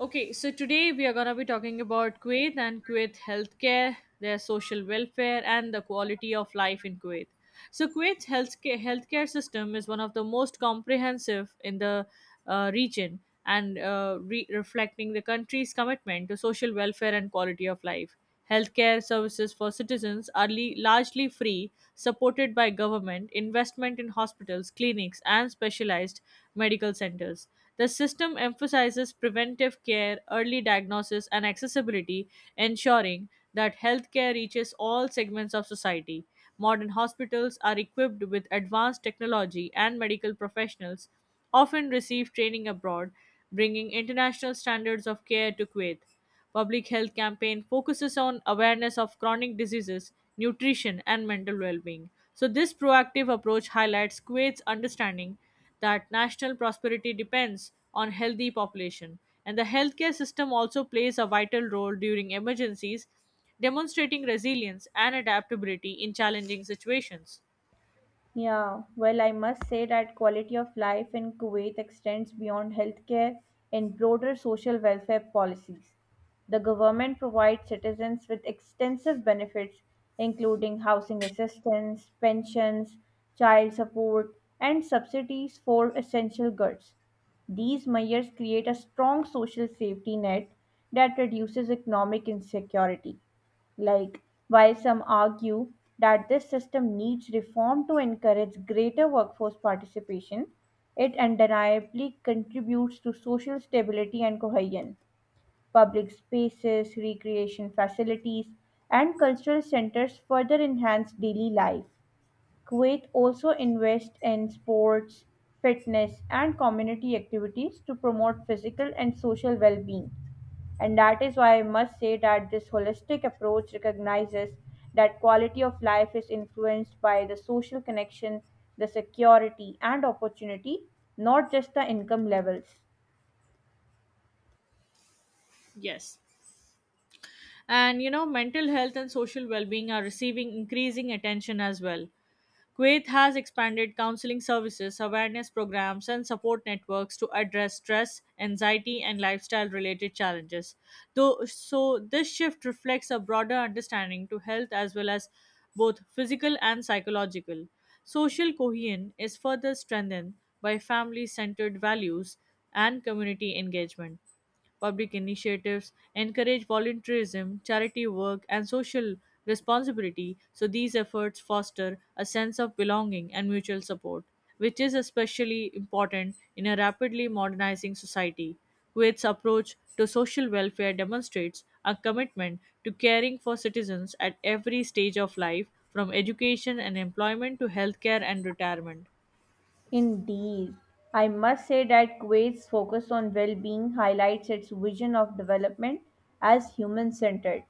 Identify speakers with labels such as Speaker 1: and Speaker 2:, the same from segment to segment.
Speaker 1: Okay, so today we are going to be talking about Kuwait and Kuwait healthcare, their social welfare, and the quality of life in Kuwait. So, Kuwait's healthcare system is one of the most comprehensive in the region and reflecting the country's commitment to social welfare and quality of life. Healthcare services for citizens are largely free, supported by government, investment in hospitals, clinics, and specialized medical centers. The system emphasizes preventive care, early diagnosis, and accessibility, ensuring that healthcare reaches all segments of society. Modern hospitals are equipped with advanced technology, and medical professionals often receive training abroad, bringing international standards of care to Kuwait. Public health campaign focuses on awareness of chronic diseases, nutrition, and mental well-being. So this proactive approach highlights Kuwait's understanding that national prosperity depends on healthy population, and the healthcare system also plays a vital role during emergencies, demonstrating resilience and adaptability in challenging situations.
Speaker 2: Yeah, well, I must say that quality of life in Kuwait extends beyond healthcare and broader social welfare policies. The government provides citizens with extensive benefits, including housing assistance, pensions, child support, and subsidies for essential goods. These measures create a strong social safety net that reduces economic insecurity. Like, while some argue that this system needs reform to encourage greater workforce participation, it undeniably contributes to social stability and cohesion. Public spaces, recreation facilities, and cultural centers further enhance daily life. Kuwait also invests in sports, fitness, and community activities to promote physical and social well being. And that is why I must say that this holistic approach recognizes that quality of life is influenced by the social connection, the security, and opportunity, not just the income levels.
Speaker 1: Yes. And you know, mental health and social well being are receiving increasing attention as well. Kuwait has expanded counseling services, awareness programs, and support networks to address stress, anxiety, and lifestyle related challenges. Though, so, this shift reflects a broader understanding to health as well as both physical and psychological. Social cohesion is further strengthened by family centered values and community engagement. Public initiatives encourage volunteerism, charity work, and social responsibility, so these efforts foster a sense of belonging and mutual support, which is especially important in a rapidly modernizing society. Kuwait's approach to social welfare demonstrates a commitment to caring for citizens at every stage of life, from education and employment to healthcare and retirement.
Speaker 2: Indeed. I must say that Kuwait's focus on well being highlights its vision of development as human centered.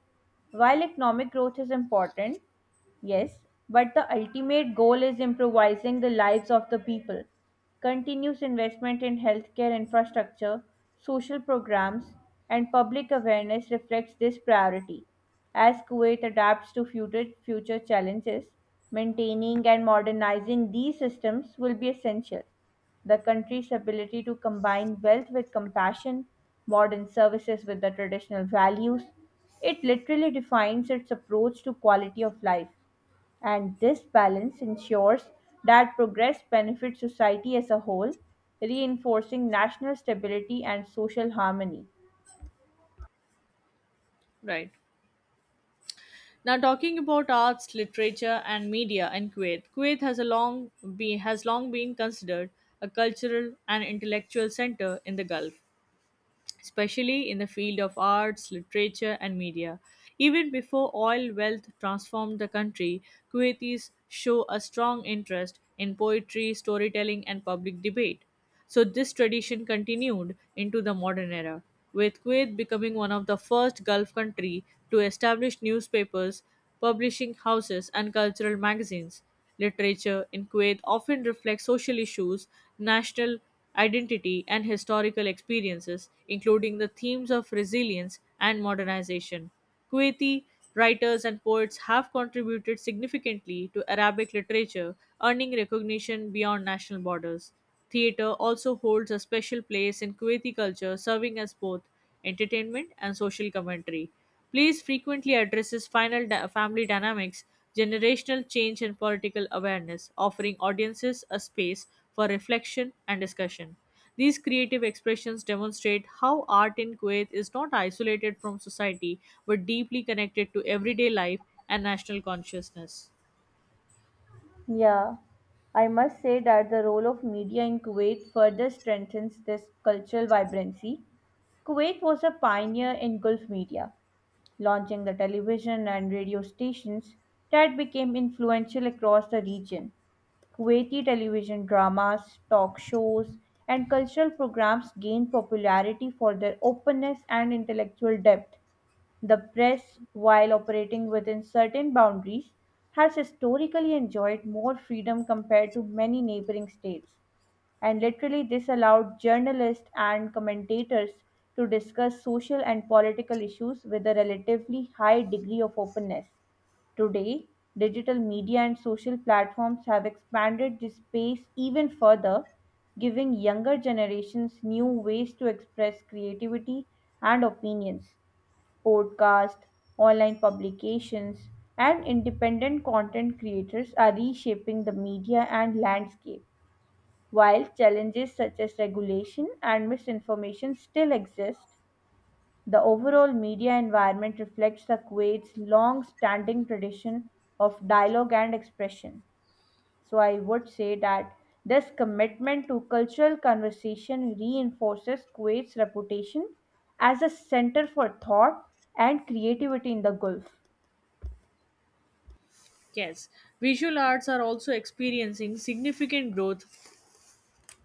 Speaker 2: While economic growth is important, yes, but the ultimate goal is improvising the lives of the people. Continuous investment in healthcare infrastructure, social programs, and public awareness reflects this priority. As Kuwait adapts to future challenges, maintaining and modernizing these systems will be essential. The country's ability to combine wealth with compassion, modern services with the traditional values, it literally defines its approach to quality of life and this balance ensures that progress benefits society as a whole, reinforcing national stability and social harmony.
Speaker 1: Right. Now, talking about arts, literature, and media in Kuwait, Kuwait has has long been considered a cultural and intellectual center in the Gulf, especially in the field of arts, literature, and media. Even before oil wealth transformed the country, Kuwaitis show a strong interest in poetry, storytelling, and public debate. So, this tradition continued into the modern era, with Kuwait becoming one of the first Gulf country to establish newspapers, publishing houses, and cultural magazines. Literature in Kuwait often reflects social issues, national identity, and historical experiences, including the themes of resilience and modernization. Kuwaiti writers and poets have contributed significantly to Arabic literature, earning recognition beyond national borders. Theater also holds a special place in Kuwaiti culture, serving as both entertainment and social commentary. Plays frequently addresses family dynamics, generational change, and political awareness, offering audiences a space for reflection and discussion. These creative expressions demonstrate how art in Kuwait is not isolated from society but deeply connected to everyday life and national consciousness.
Speaker 2: Yeah, I must say that the role of media in Kuwait further strengthens this cultural vibrancy. Kuwait was a pioneer in Gulf media, launching the television and radio stations that became influential across the region. Kuwaiti television dramas, talk shows, and cultural programs gained popularity for their openness and intellectual depth. The press, while operating within certain boundaries, has historically enjoyed more freedom compared to many neighboring states. And literally, this allowed journalists and commentators to discuss social and political issues with a relatively high degree of openness. Today, digital media and social platforms have expanded this space even further, giving younger generations new ways to express creativity and opinions. Podcasts, online publications, and independent content creators are reshaping the media and landscape. While challenges such as regulation and misinformation still exist, the overall media environment reflects the Kuwait's long-standing tradition of dialogue and expression. So I would say that this commitment to cultural conversation reinforces Kuwait's reputation as a center for thought and creativity in the Gulf.
Speaker 1: Yes, visual arts are also experiencing significant growth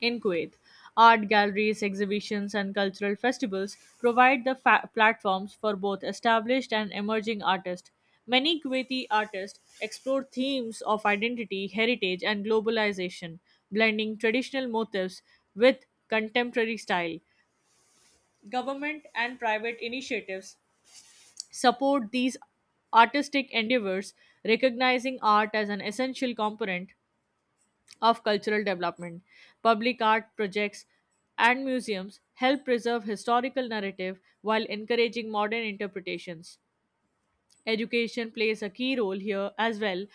Speaker 1: in Kuwait. Art galleries, exhibitions, and cultural festivals provide the platforms for both established and emerging artists. Many Kuwaiti artists explore themes of identity, heritage, and globalization, blending traditional motifs with contemporary style. Government and private initiatives support these artistic endeavors, recognizing art as an essential component of cultural development. Public art projects and museums help preserve historical narrative while encouraging modern interpretations. Education plays a key role here as well,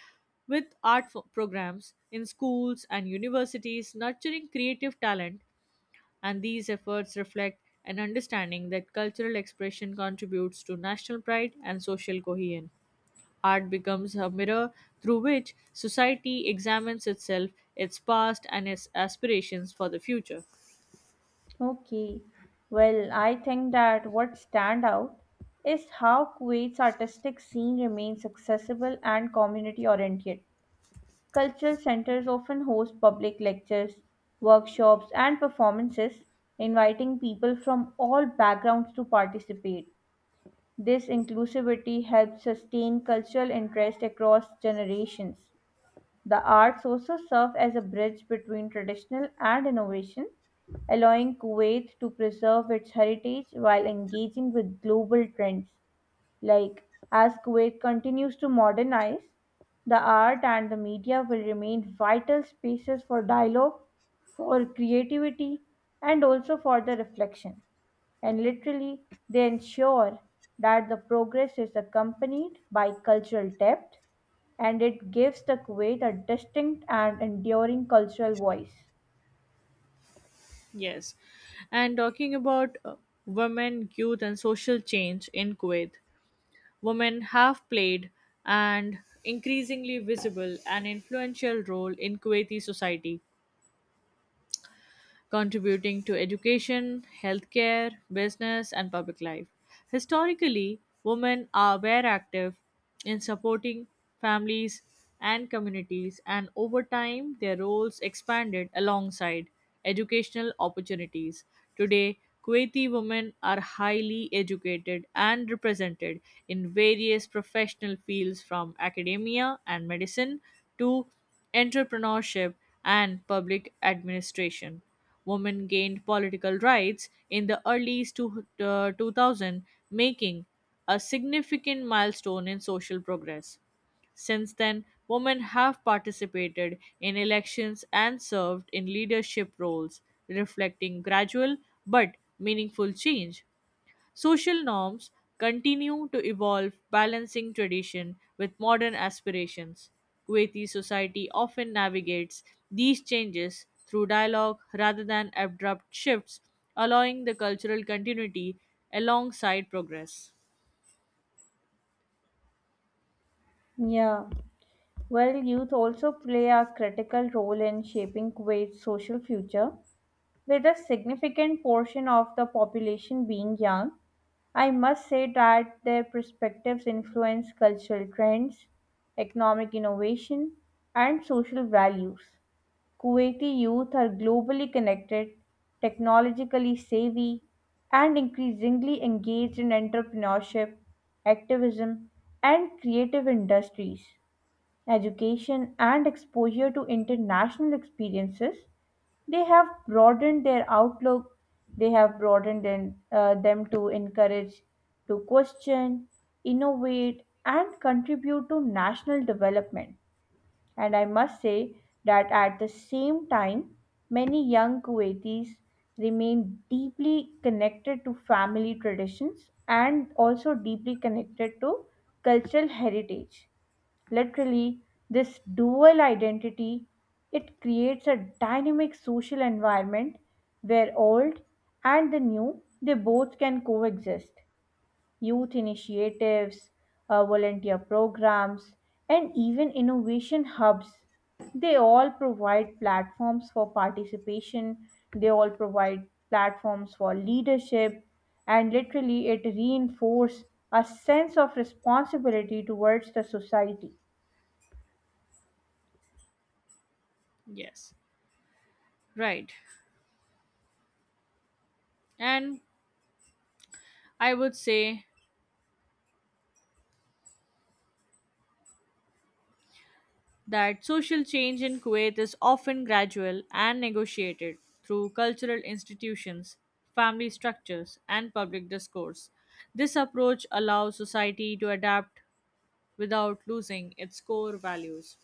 Speaker 1: with programs in schools and universities nurturing creative talent, and these efforts reflect an understanding that cultural expression contributes to national pride and social cohesion. Art becomes a mirror through which society examines itself, its past, and its aspirations for the future.
Speaker 2: Okay. Well, I think that what stand out is how Kuwait's artistic scene remains accessible and community oriented. Cultural centers often host public lectures, workshops, and performances, inviting people from all backgrounds to participate. This inclusivity helps sustain cultural interest across generations. The arts also serve as a bridge between traditional and innovation, allowing Kuwait to preserve its heritage while engaging with global trends. Like, as Kuwait continues to modernize, the art and the media will remain vital spaces for dialogue, for creativity, and also for the reflection. And literally, they ensure that the progress is accompanied by cultural depth and it gives the Kuwait a distinct and enduring cultural voice.
Speaker 1: Yes. And talking about women, youth, and social change in Kuwait, women have played an increasingly visible and influential role in Kuwaiti society, contributing to education, healthcare, business, and public life. Historically, were active in supporting families and communities, and over time, their roles expanded alongside educational opportunities. Today, Kuwaiti women are highly educated and represented in various professional fields, from academia and medicine to entrepreneurship and public administration. Women gained political rights in the early 2000, making a significant milestone in social progress. Since then, women have participated in elections and served in leadership roles, reflecting gradual but meaningful change. Social norms continue to evolve, balancing tradition with modern aspirations. Kuwaiti society often navigates these changes through dialogue rather than abrupt shifts, allowing the cultural continuity alongside progress.
Speaker 2: Yeah. Well, youth also play a critical role in shaping Kuwait's social future. With a significant portion of the population being young, I must say that their perspectives influence cultural trends, economic innovation, and social values. Kuwaiti youth are globally connected, technologically savvy, and increasingly engaged in entrepreneurship, activism, and creative industries education, and exposure to international experiences, they have broadened their outlook, they have broadened in, them to encourage, to question, innovate, and contribute to national development. And I must say that at the same time, many young Kuwaitis remain deeply connected to family traditions and also deeply connected to cultural heritage. Literally, this dual identity it creates a dynamic social environment where old and the new they both can coexist. Youth initiatives, volunteer programs, and even innovation hubs they all provide platforms for participation they all provide platforms for leadership and literally it reinforces a sense of responsibility towards the society.
Speaker 1: Yes, right. And I would say that social change in Kuwait is often gradual and negotiated through cultural institutions, family structures, and public discourse. This approach allows society to adapt without losing its core values.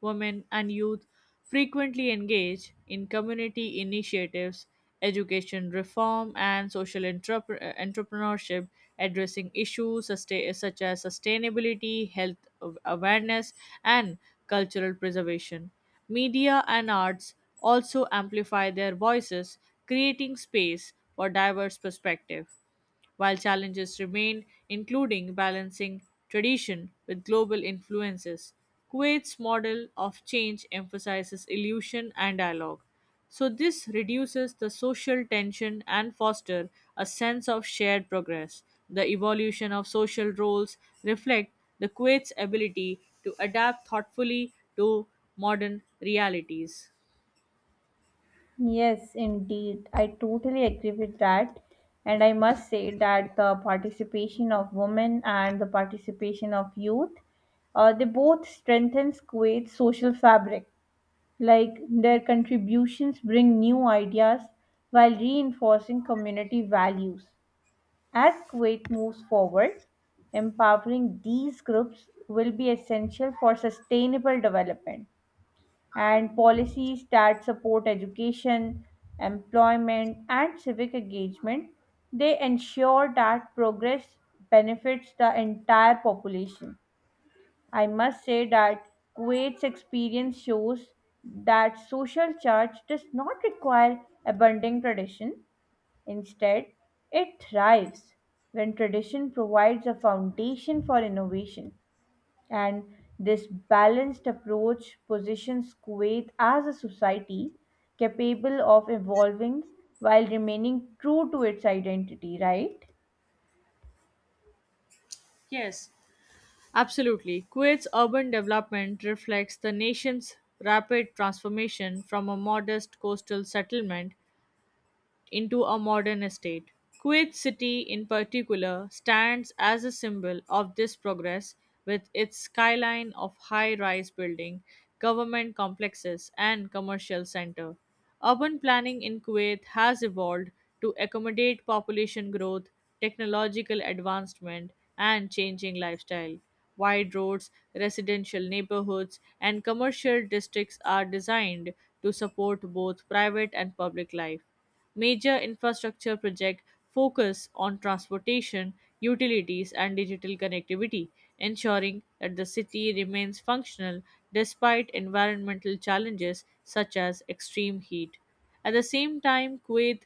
Speaker 1: Women and youth frequently engage in community initiatives, education reform, and social entrepreneurship, addressing issues such as sustainability, health awareness, and cultural preservation. Media and arts also amplify their voices, creating space for diverse perspectives while challenges remain, including balancing tradition with global influences. Kuwait's model of change emphasizes illusion and dialogue. So, this reduces the social tension and fosters a sense of shared progress. The evolution of social roles reflect the Kuwait's ability to adapt thoughtfully to modern realities.
Speaker 2: Yes, indeed. I totally agree with that. And I must say that the participation of women and the participation of youth, they both strengthen Kuwait's social fabric. Like their contributions bring new ideas while reinforcing community values. As Kuwait moves forward, empowering these groups will be essential for sustainable development and policies that support education, employment, and civic engagement. They ensure that progress benefits the entire population. I must say that Kuwait's experience shows that social charge does not require abandoning tradition. Instead, it thrives when tradition provides a foundation for innovation. And this balanced approach positions Kuwait as a society capable of evolving while remaining true to its identity, right?
Speaker 1: Yes, absolutely. Kuwait's urban development reflects the nation's rapid transformation from a modest coastal settlement into a modern estate. Kuwait City, in particular, stands as a symbol of this progress with its skyline of high rise building, government complexes, and commercial center. Urban planning in Kuwait has evolved to accommodate population growth, technological advancement, and changing lifestyle. Wide roads, residential neighborhoods, and commercial districts are designed to support both private and public life. Major infrastructure projects focus on transportation, utilities, and digital connectivity, ensuring that the city remains functional despite environmental challenges such as extreme heat. At the same time, Kuwait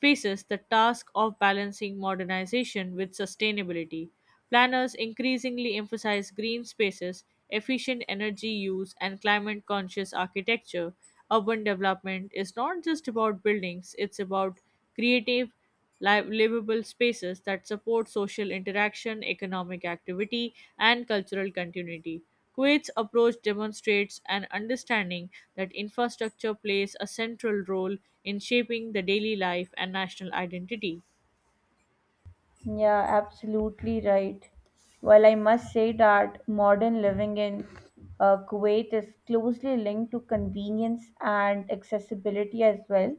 Speaker 1: faces the task of balancing modernization with sustainability. Planners increasingly emphasize green spaces, efficient energy use, and climate conscious architecture. Urban development is not just about buildings, it's about creative livable spaces that support social interaction, economic activity, and cultural continuity. Kuwait's approach demonstrates an understanding that infrastructure plays a central role in shaping the daily life and national identity.
Speaker 2: Yeah, absolutely right. Well, I must say that modern living in Kuwait is closely linked to convenience and accessibility as well.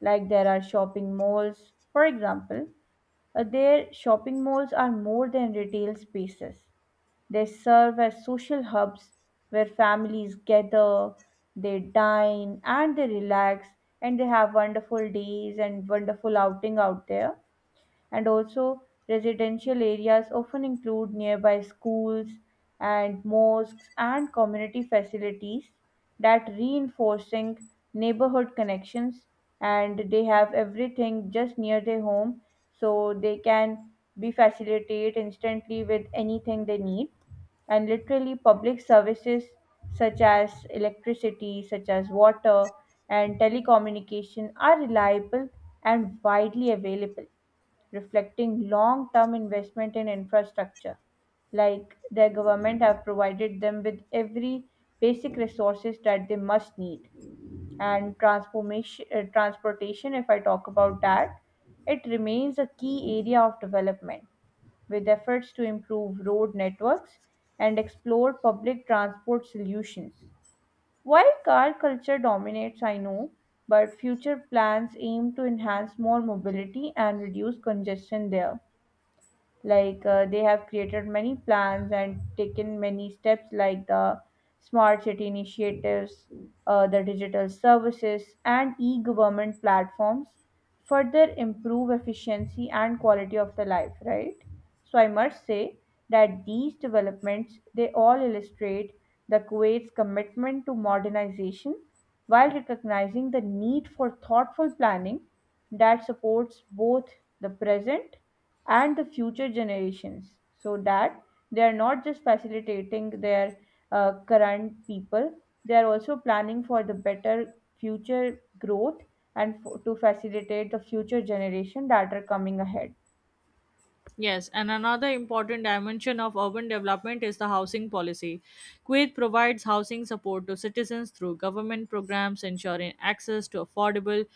Speaker 2: Like there are shopping malls, for example, their shopping malls are more than retail spaces. They serve as social hubs where families gather, they dine, and they relax, and they have wonderful days and wonderful outing out there and also residential areas often include nearby schools and mosques and community facilities that reinforcing neighborhood connections and they have everything just near their home so they can be facilitated instantly with anything they need. And literally public services such as electricity such as water and telecommunication are reliable and widely available, reflecting long term investment in infrastructure. Like their government have provided them with every basic resources that they must need. And transportation, if I talk about that, it remains a key area of development with efforts to improve road networks and explore public transport solutions. While car culture dominates, I know, but future plans aim to enhance more mobility and reduce congestion there like they have created many plans and taken many steps like the smart city initiatives, the digital services and e-government platforms further improve efficiency and quality of the life, right? So I must say that these developments they all illustrate the Kuwait's commitment to modernization while recognizing the need for thoughtful planning that supports both the present and the future generations so that they are not just facilitating their current people, they are also planning for the better future growth and for, to facilitate the future generation that are coming ahead.
Speaker 1: Yes, and another important dimension of urban development is the housing policy. Kuwait provides housing support to citizens through government programs, ensuring access to affordable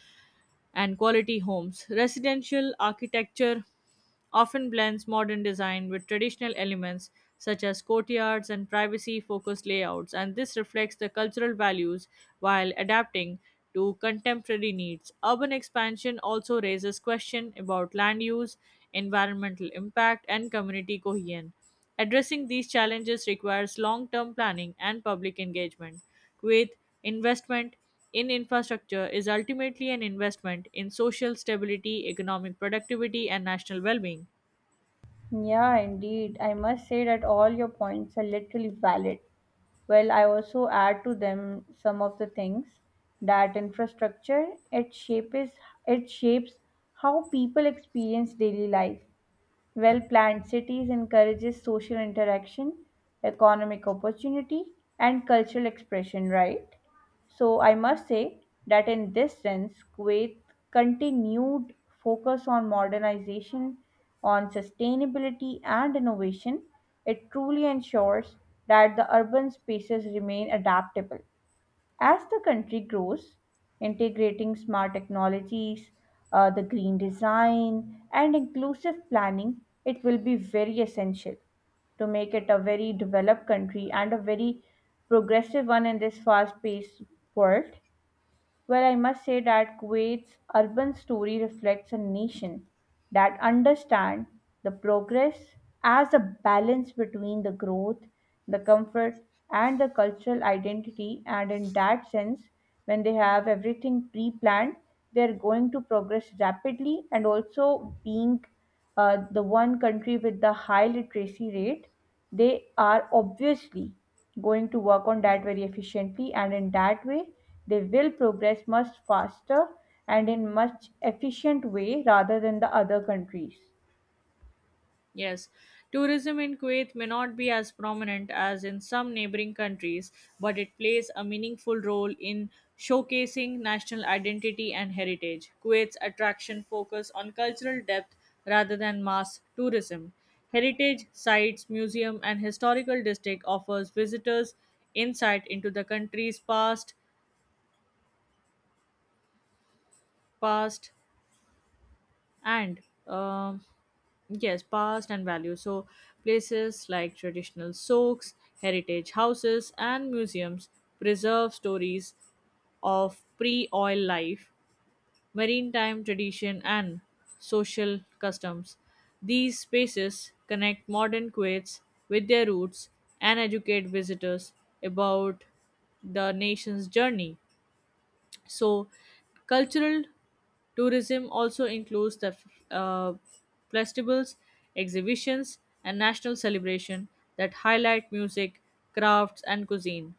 Speaker 1: and quality homes. Residential architecture often blends modern design with traditional elements such as courtyards and privacy focused layouts, and this reflects the cultural values while adapting to contemporary needs. Urban expansion also raises questions about land use, environmental impact, and community cohesion. Addressing these challenges requires long term planning and public engagement. With investment in infrastructure is ultimately an investment in social stability, economic productivity, and national well being.
Speaker 2: Yeah, indeed, I must say that all your points are literally valid. Well, I also add to them some of the things that infrastructure it shapes it shapes how people experience daily life. Well-planned cities encourages social interaction, economic opportunity, and cultural expression, right? So I must say that in this sense, Kuwait continued focus on modernization, on sustainability and innovation. It truly ensures that the urban spaces remain adaptable as the country grows, integrating smart technologies, the green design, and inclusive planning, it will be very essential to make it a very developed country and a very progressive one in this fast paced world. Well, I must say that Kuwait's urban story reflects a nation that understands the progress as a balance between the growth, the comfort, and the cultural identity. And in that sense, when they have everything pre planned, they're going to progress rapidly and also being the one country with the high literacy rate, they are obviously going to work on that very efficiently, and in that way, they will progress much faster and in much efficient way rather than the other countries.
Speaker 1: Yes, tourism in Kuwait may not be as prominent as in some neighboring countries, but it plays a meaningful role in showcasing national identity and heritage. Kuwait's attraction focus on cultural depth rather than mass tourism. Heritage sites, museum and historical district offers visitors insight into the country's past, past and um yes, past and value. So places like traditional souks, heritage houses and museums preserve stories of pre-oil life, maritime tradition and social customs. These spaces connect modern kuwaits with their roots and educate visitors about the nation's journey. So, cultural tourism also includes the uh, festivals, exhibitions, and national celebration that highlight music, crafts, and cuisine.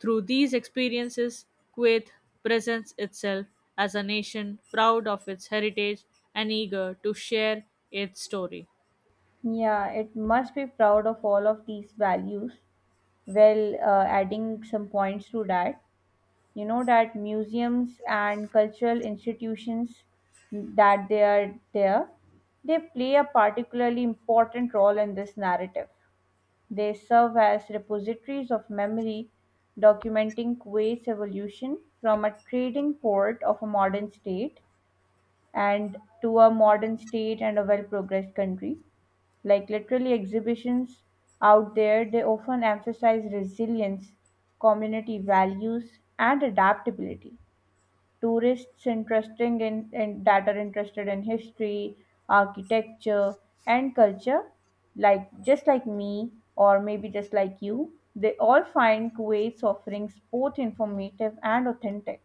Speaker 1: Through these experiences, Kuwait presents itself as a nation proud of its heritage and eager to share its story.
Speaker 2: Yeah, it must be proud of all of these values. Well, adding some points to that, you know that museums and cultural institutions that they are there they play a particularly important role in this narrative. They serve as repositories of memory, documenting Kuwait's evolution from a trading port of a modern state and to a modern state and a well progressed country. Like literally exhibitions out there they often emphasize resilience, community values, and adaptability. Tourists interesting in that are interested in history, architecture, and culture, like just like me or maybe just like you, they all find Kuwait's offerings both informative and authentic.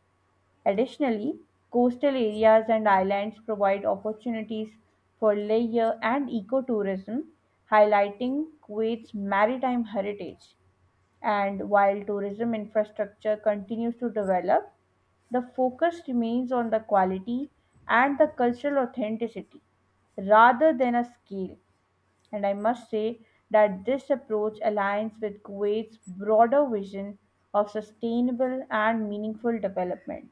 Speaker 2: Additionally, coastal areas and islands provide opportunities for leisure and ecotourism, highlighting Kuwait's maritime heritage. And while tourism infrastructure continues to develop, the focus remains on the quality and the cultural authenticity rather than a scale. And I must say that this approach aligns with Kuwait's broader vision of sustainable and meaningful development.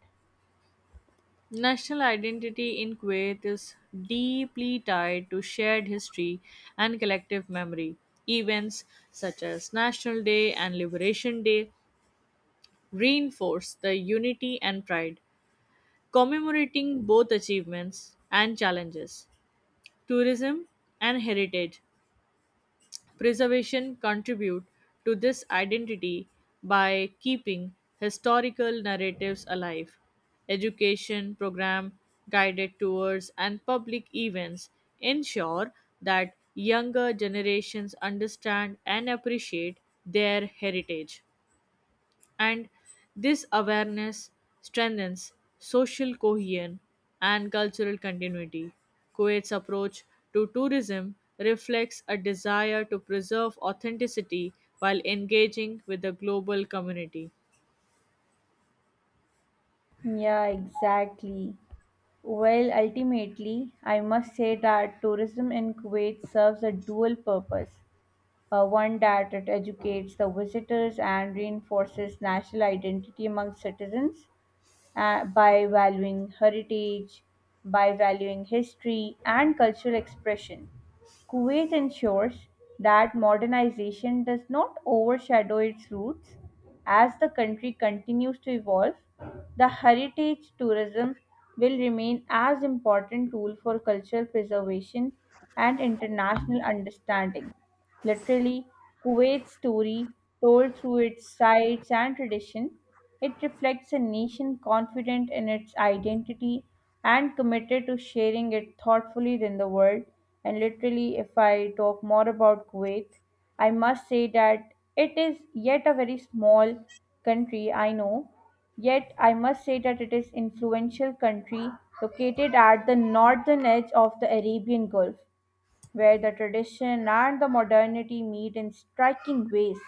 Speaker 1: National identity in Kuwait is deeply tied to shared history and collective memory. Events such as National Day and Liberation Day reinforce the unity and pride, commemorating both achievements and challenges. Tourism and heritage preservation contribute to this identity by keeping historical narratives alive. Education program, guided tours, and public events ensure that younger generations understand and appreciate their heritage, and this awareness strengthens social cohesion and cultural continuity. Kuwait's approach to tourism reflects a desire to preserve authenticity while engaging with the global community.
Speaker 2: Yeah, exactly. Well, ultimately, I must say that tourism in Kuwait serves a dual purpose. One, that it educates the visitors and reinforces national identity among citizens, by valuing heritage, by valuing history and cultural expression. Kuwait ensures that modernization does not overshadow its roots. As the country continues to evolve, the heritage tourism will remain as important tool for cultural preservation and international understanding. Literally, Kuwait's story told through its sites and tradition it reflects a nation confident in its identity and committed to sharing it thoughtfully in the world. And literally, if I talk more about Kuwait, I must say that it is yet a very small country, I know. Yet, I must say that it is influential country located at the northern edge of the Arabian Gulf, where the tradition and the modernity meet in striking ways.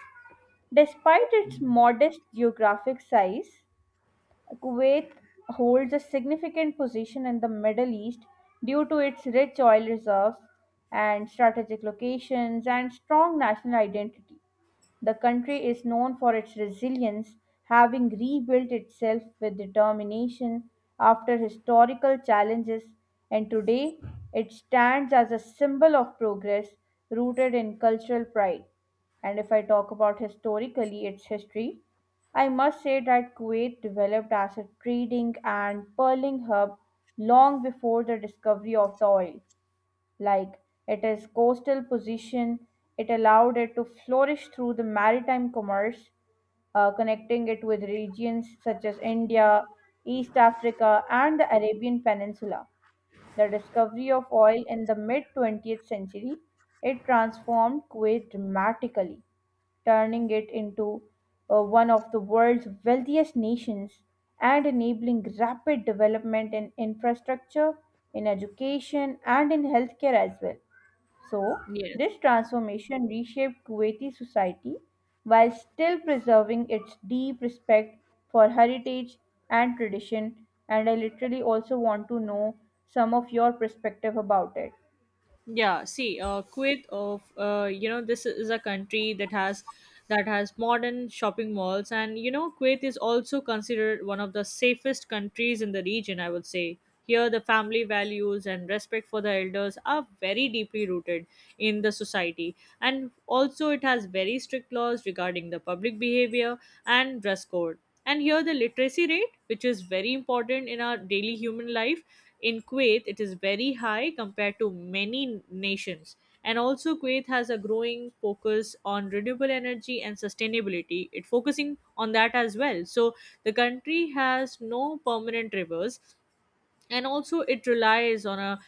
Speaker 2: Despite its modest geographic size, Kuwait holds a significant position in the Middle East due to its rich oil reserves and strategic locations and strong national identity. The country is known for its resilience, having rebuilt itself with determination after historical challenges, and today it stands as a symbol of progress rooted in cultural pride. And if I talk about historically its history, I must say that Kuwait developed as a trading and pearling hub long before the discovery of the oil. Like its coastal position it allowed it to flourish through the maritime commerce, connecting it with regions such as India, East Africa, and the Arabian Peninsula. The discovery of oil in the mid 20th century, it transformed Kuwait dramatically, turning it into one of the world's wealthiest nations and enabling rapid development in infrastructure, in education, and in healthcare as well. So,
Speaker 1: Yes.
Speaker 2: this transformation reshaped Kuwaiti society while still preserving its deep respect for heritage and tradition. And I literally also want to know some of your perspective about it.
Speaker 1: Yeah, see, Kuwait of you know, this is a country that has modern shopping malls, and you know, Kuwait is also considered one of the safest countries in the region. I would say here the family values and respect for the elders are very deeply rooted in the society, and also it has very strict laws regarding the public behavior and dress code. And here the literacy rate, which is very important in our daily human life, in Kuwait it is very high compared to many nations. And also Kuwait has a growing focus on renewable energy and sustainability. It focusing on that as well. So the country has no permanent rivers, and also it relies on a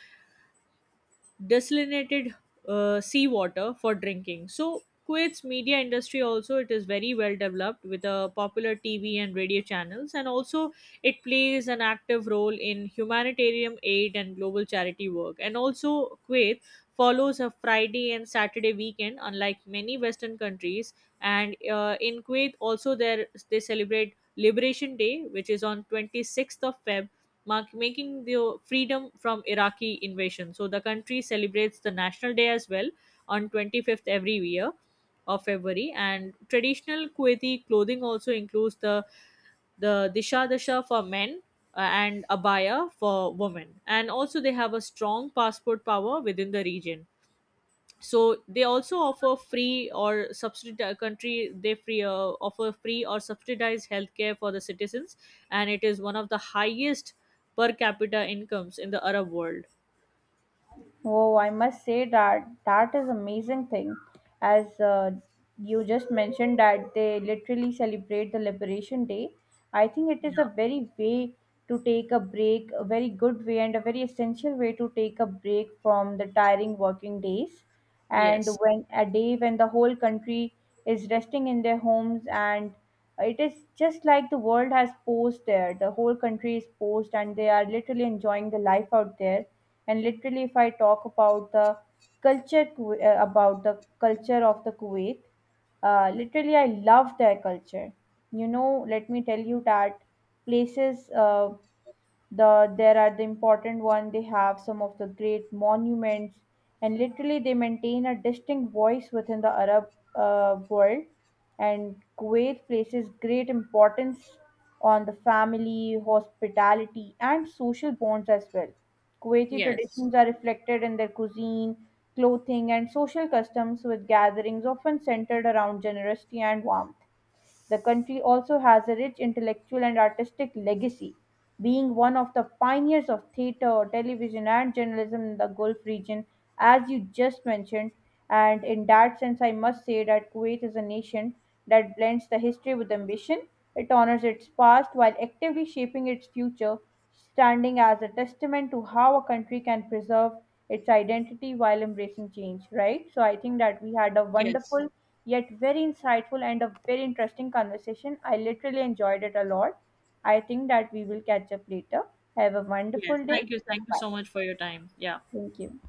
Speaker 1: desalinated seawater for drinking. So Kuwait's media industry also it is very well developed with a popular TV and radio channels, and also it plays an active role in humanitarian aid and global charity work. And also Kuwait follows a Friday and Saturday weekend, unlike many Western countries. And in Kuwait also there they celebrate Liberation Day, which is on 26th of Feb, mark, making the freedom from Iraqi invasion. So the country celebrates the National Day as well on 25th every year of February. And traditional Kuwaiti clothing also includes the disha dasha for men and abaya for women. And also they have a strong passport power within the region, so they also offer free or subsidized country they free offer free or subsidized healthcare for the citizens, and it is one of the highest per capita incomes in the Arab world.
Speaker 2: Oh, I must say that that is amazing thing. As you just mentioned that they literally celebrate the Liberation Day. I think it is
Speaker 1: yeah
Speaker 2: a very way to take a break, a very good way and a very essential way to take a break from the tiring working days. And
Speaker 1: yes
Speaker 2: when a day when the whole country is resting in their homes and it is just like the world has paused there. The whole country is paused, and they are literally enjoying the life out there. And literally if I talk about the about the culture of the Kuwait, literally I love their culture. You know, let me tell you that places, the there are the important one, they have some of the great monuments and literally they maintain a distinct voice within the Arab world. And Kuwait places great importance on the family hospitality and social bonds as well. Kuwaiti
Speaker 1: yes
Speaker 2: traditions are reflected in their cuisine, clothing and social customs, with gatherings often centered around generosity and warmth. The country also has a rich intellectual and artistic legacy, being one of the pioneers of theatre, television, and journalism in the Gulf region, as you just mentioned. And in that sense, I must say that Kuwait is a nation that blends the history with ambition. It honors its past while actively shaping its future, standing as a testament to how a country can preserve its identity while embracing change, right? So I think that we had a
Speaker 1: yes
Speaker 2: wonderful yet very insightful and a very interesting conversation. I literally enjoyed it a lot. I think that we will catch up later. Have a wonderful
Speaker 1: yes,
Speaker 2: day.
Speaker 1: thank you. Thank you
Speaker 2: Bye.
Speaker 1: so much for your time. Yeah.
Speaker 2: Thank you.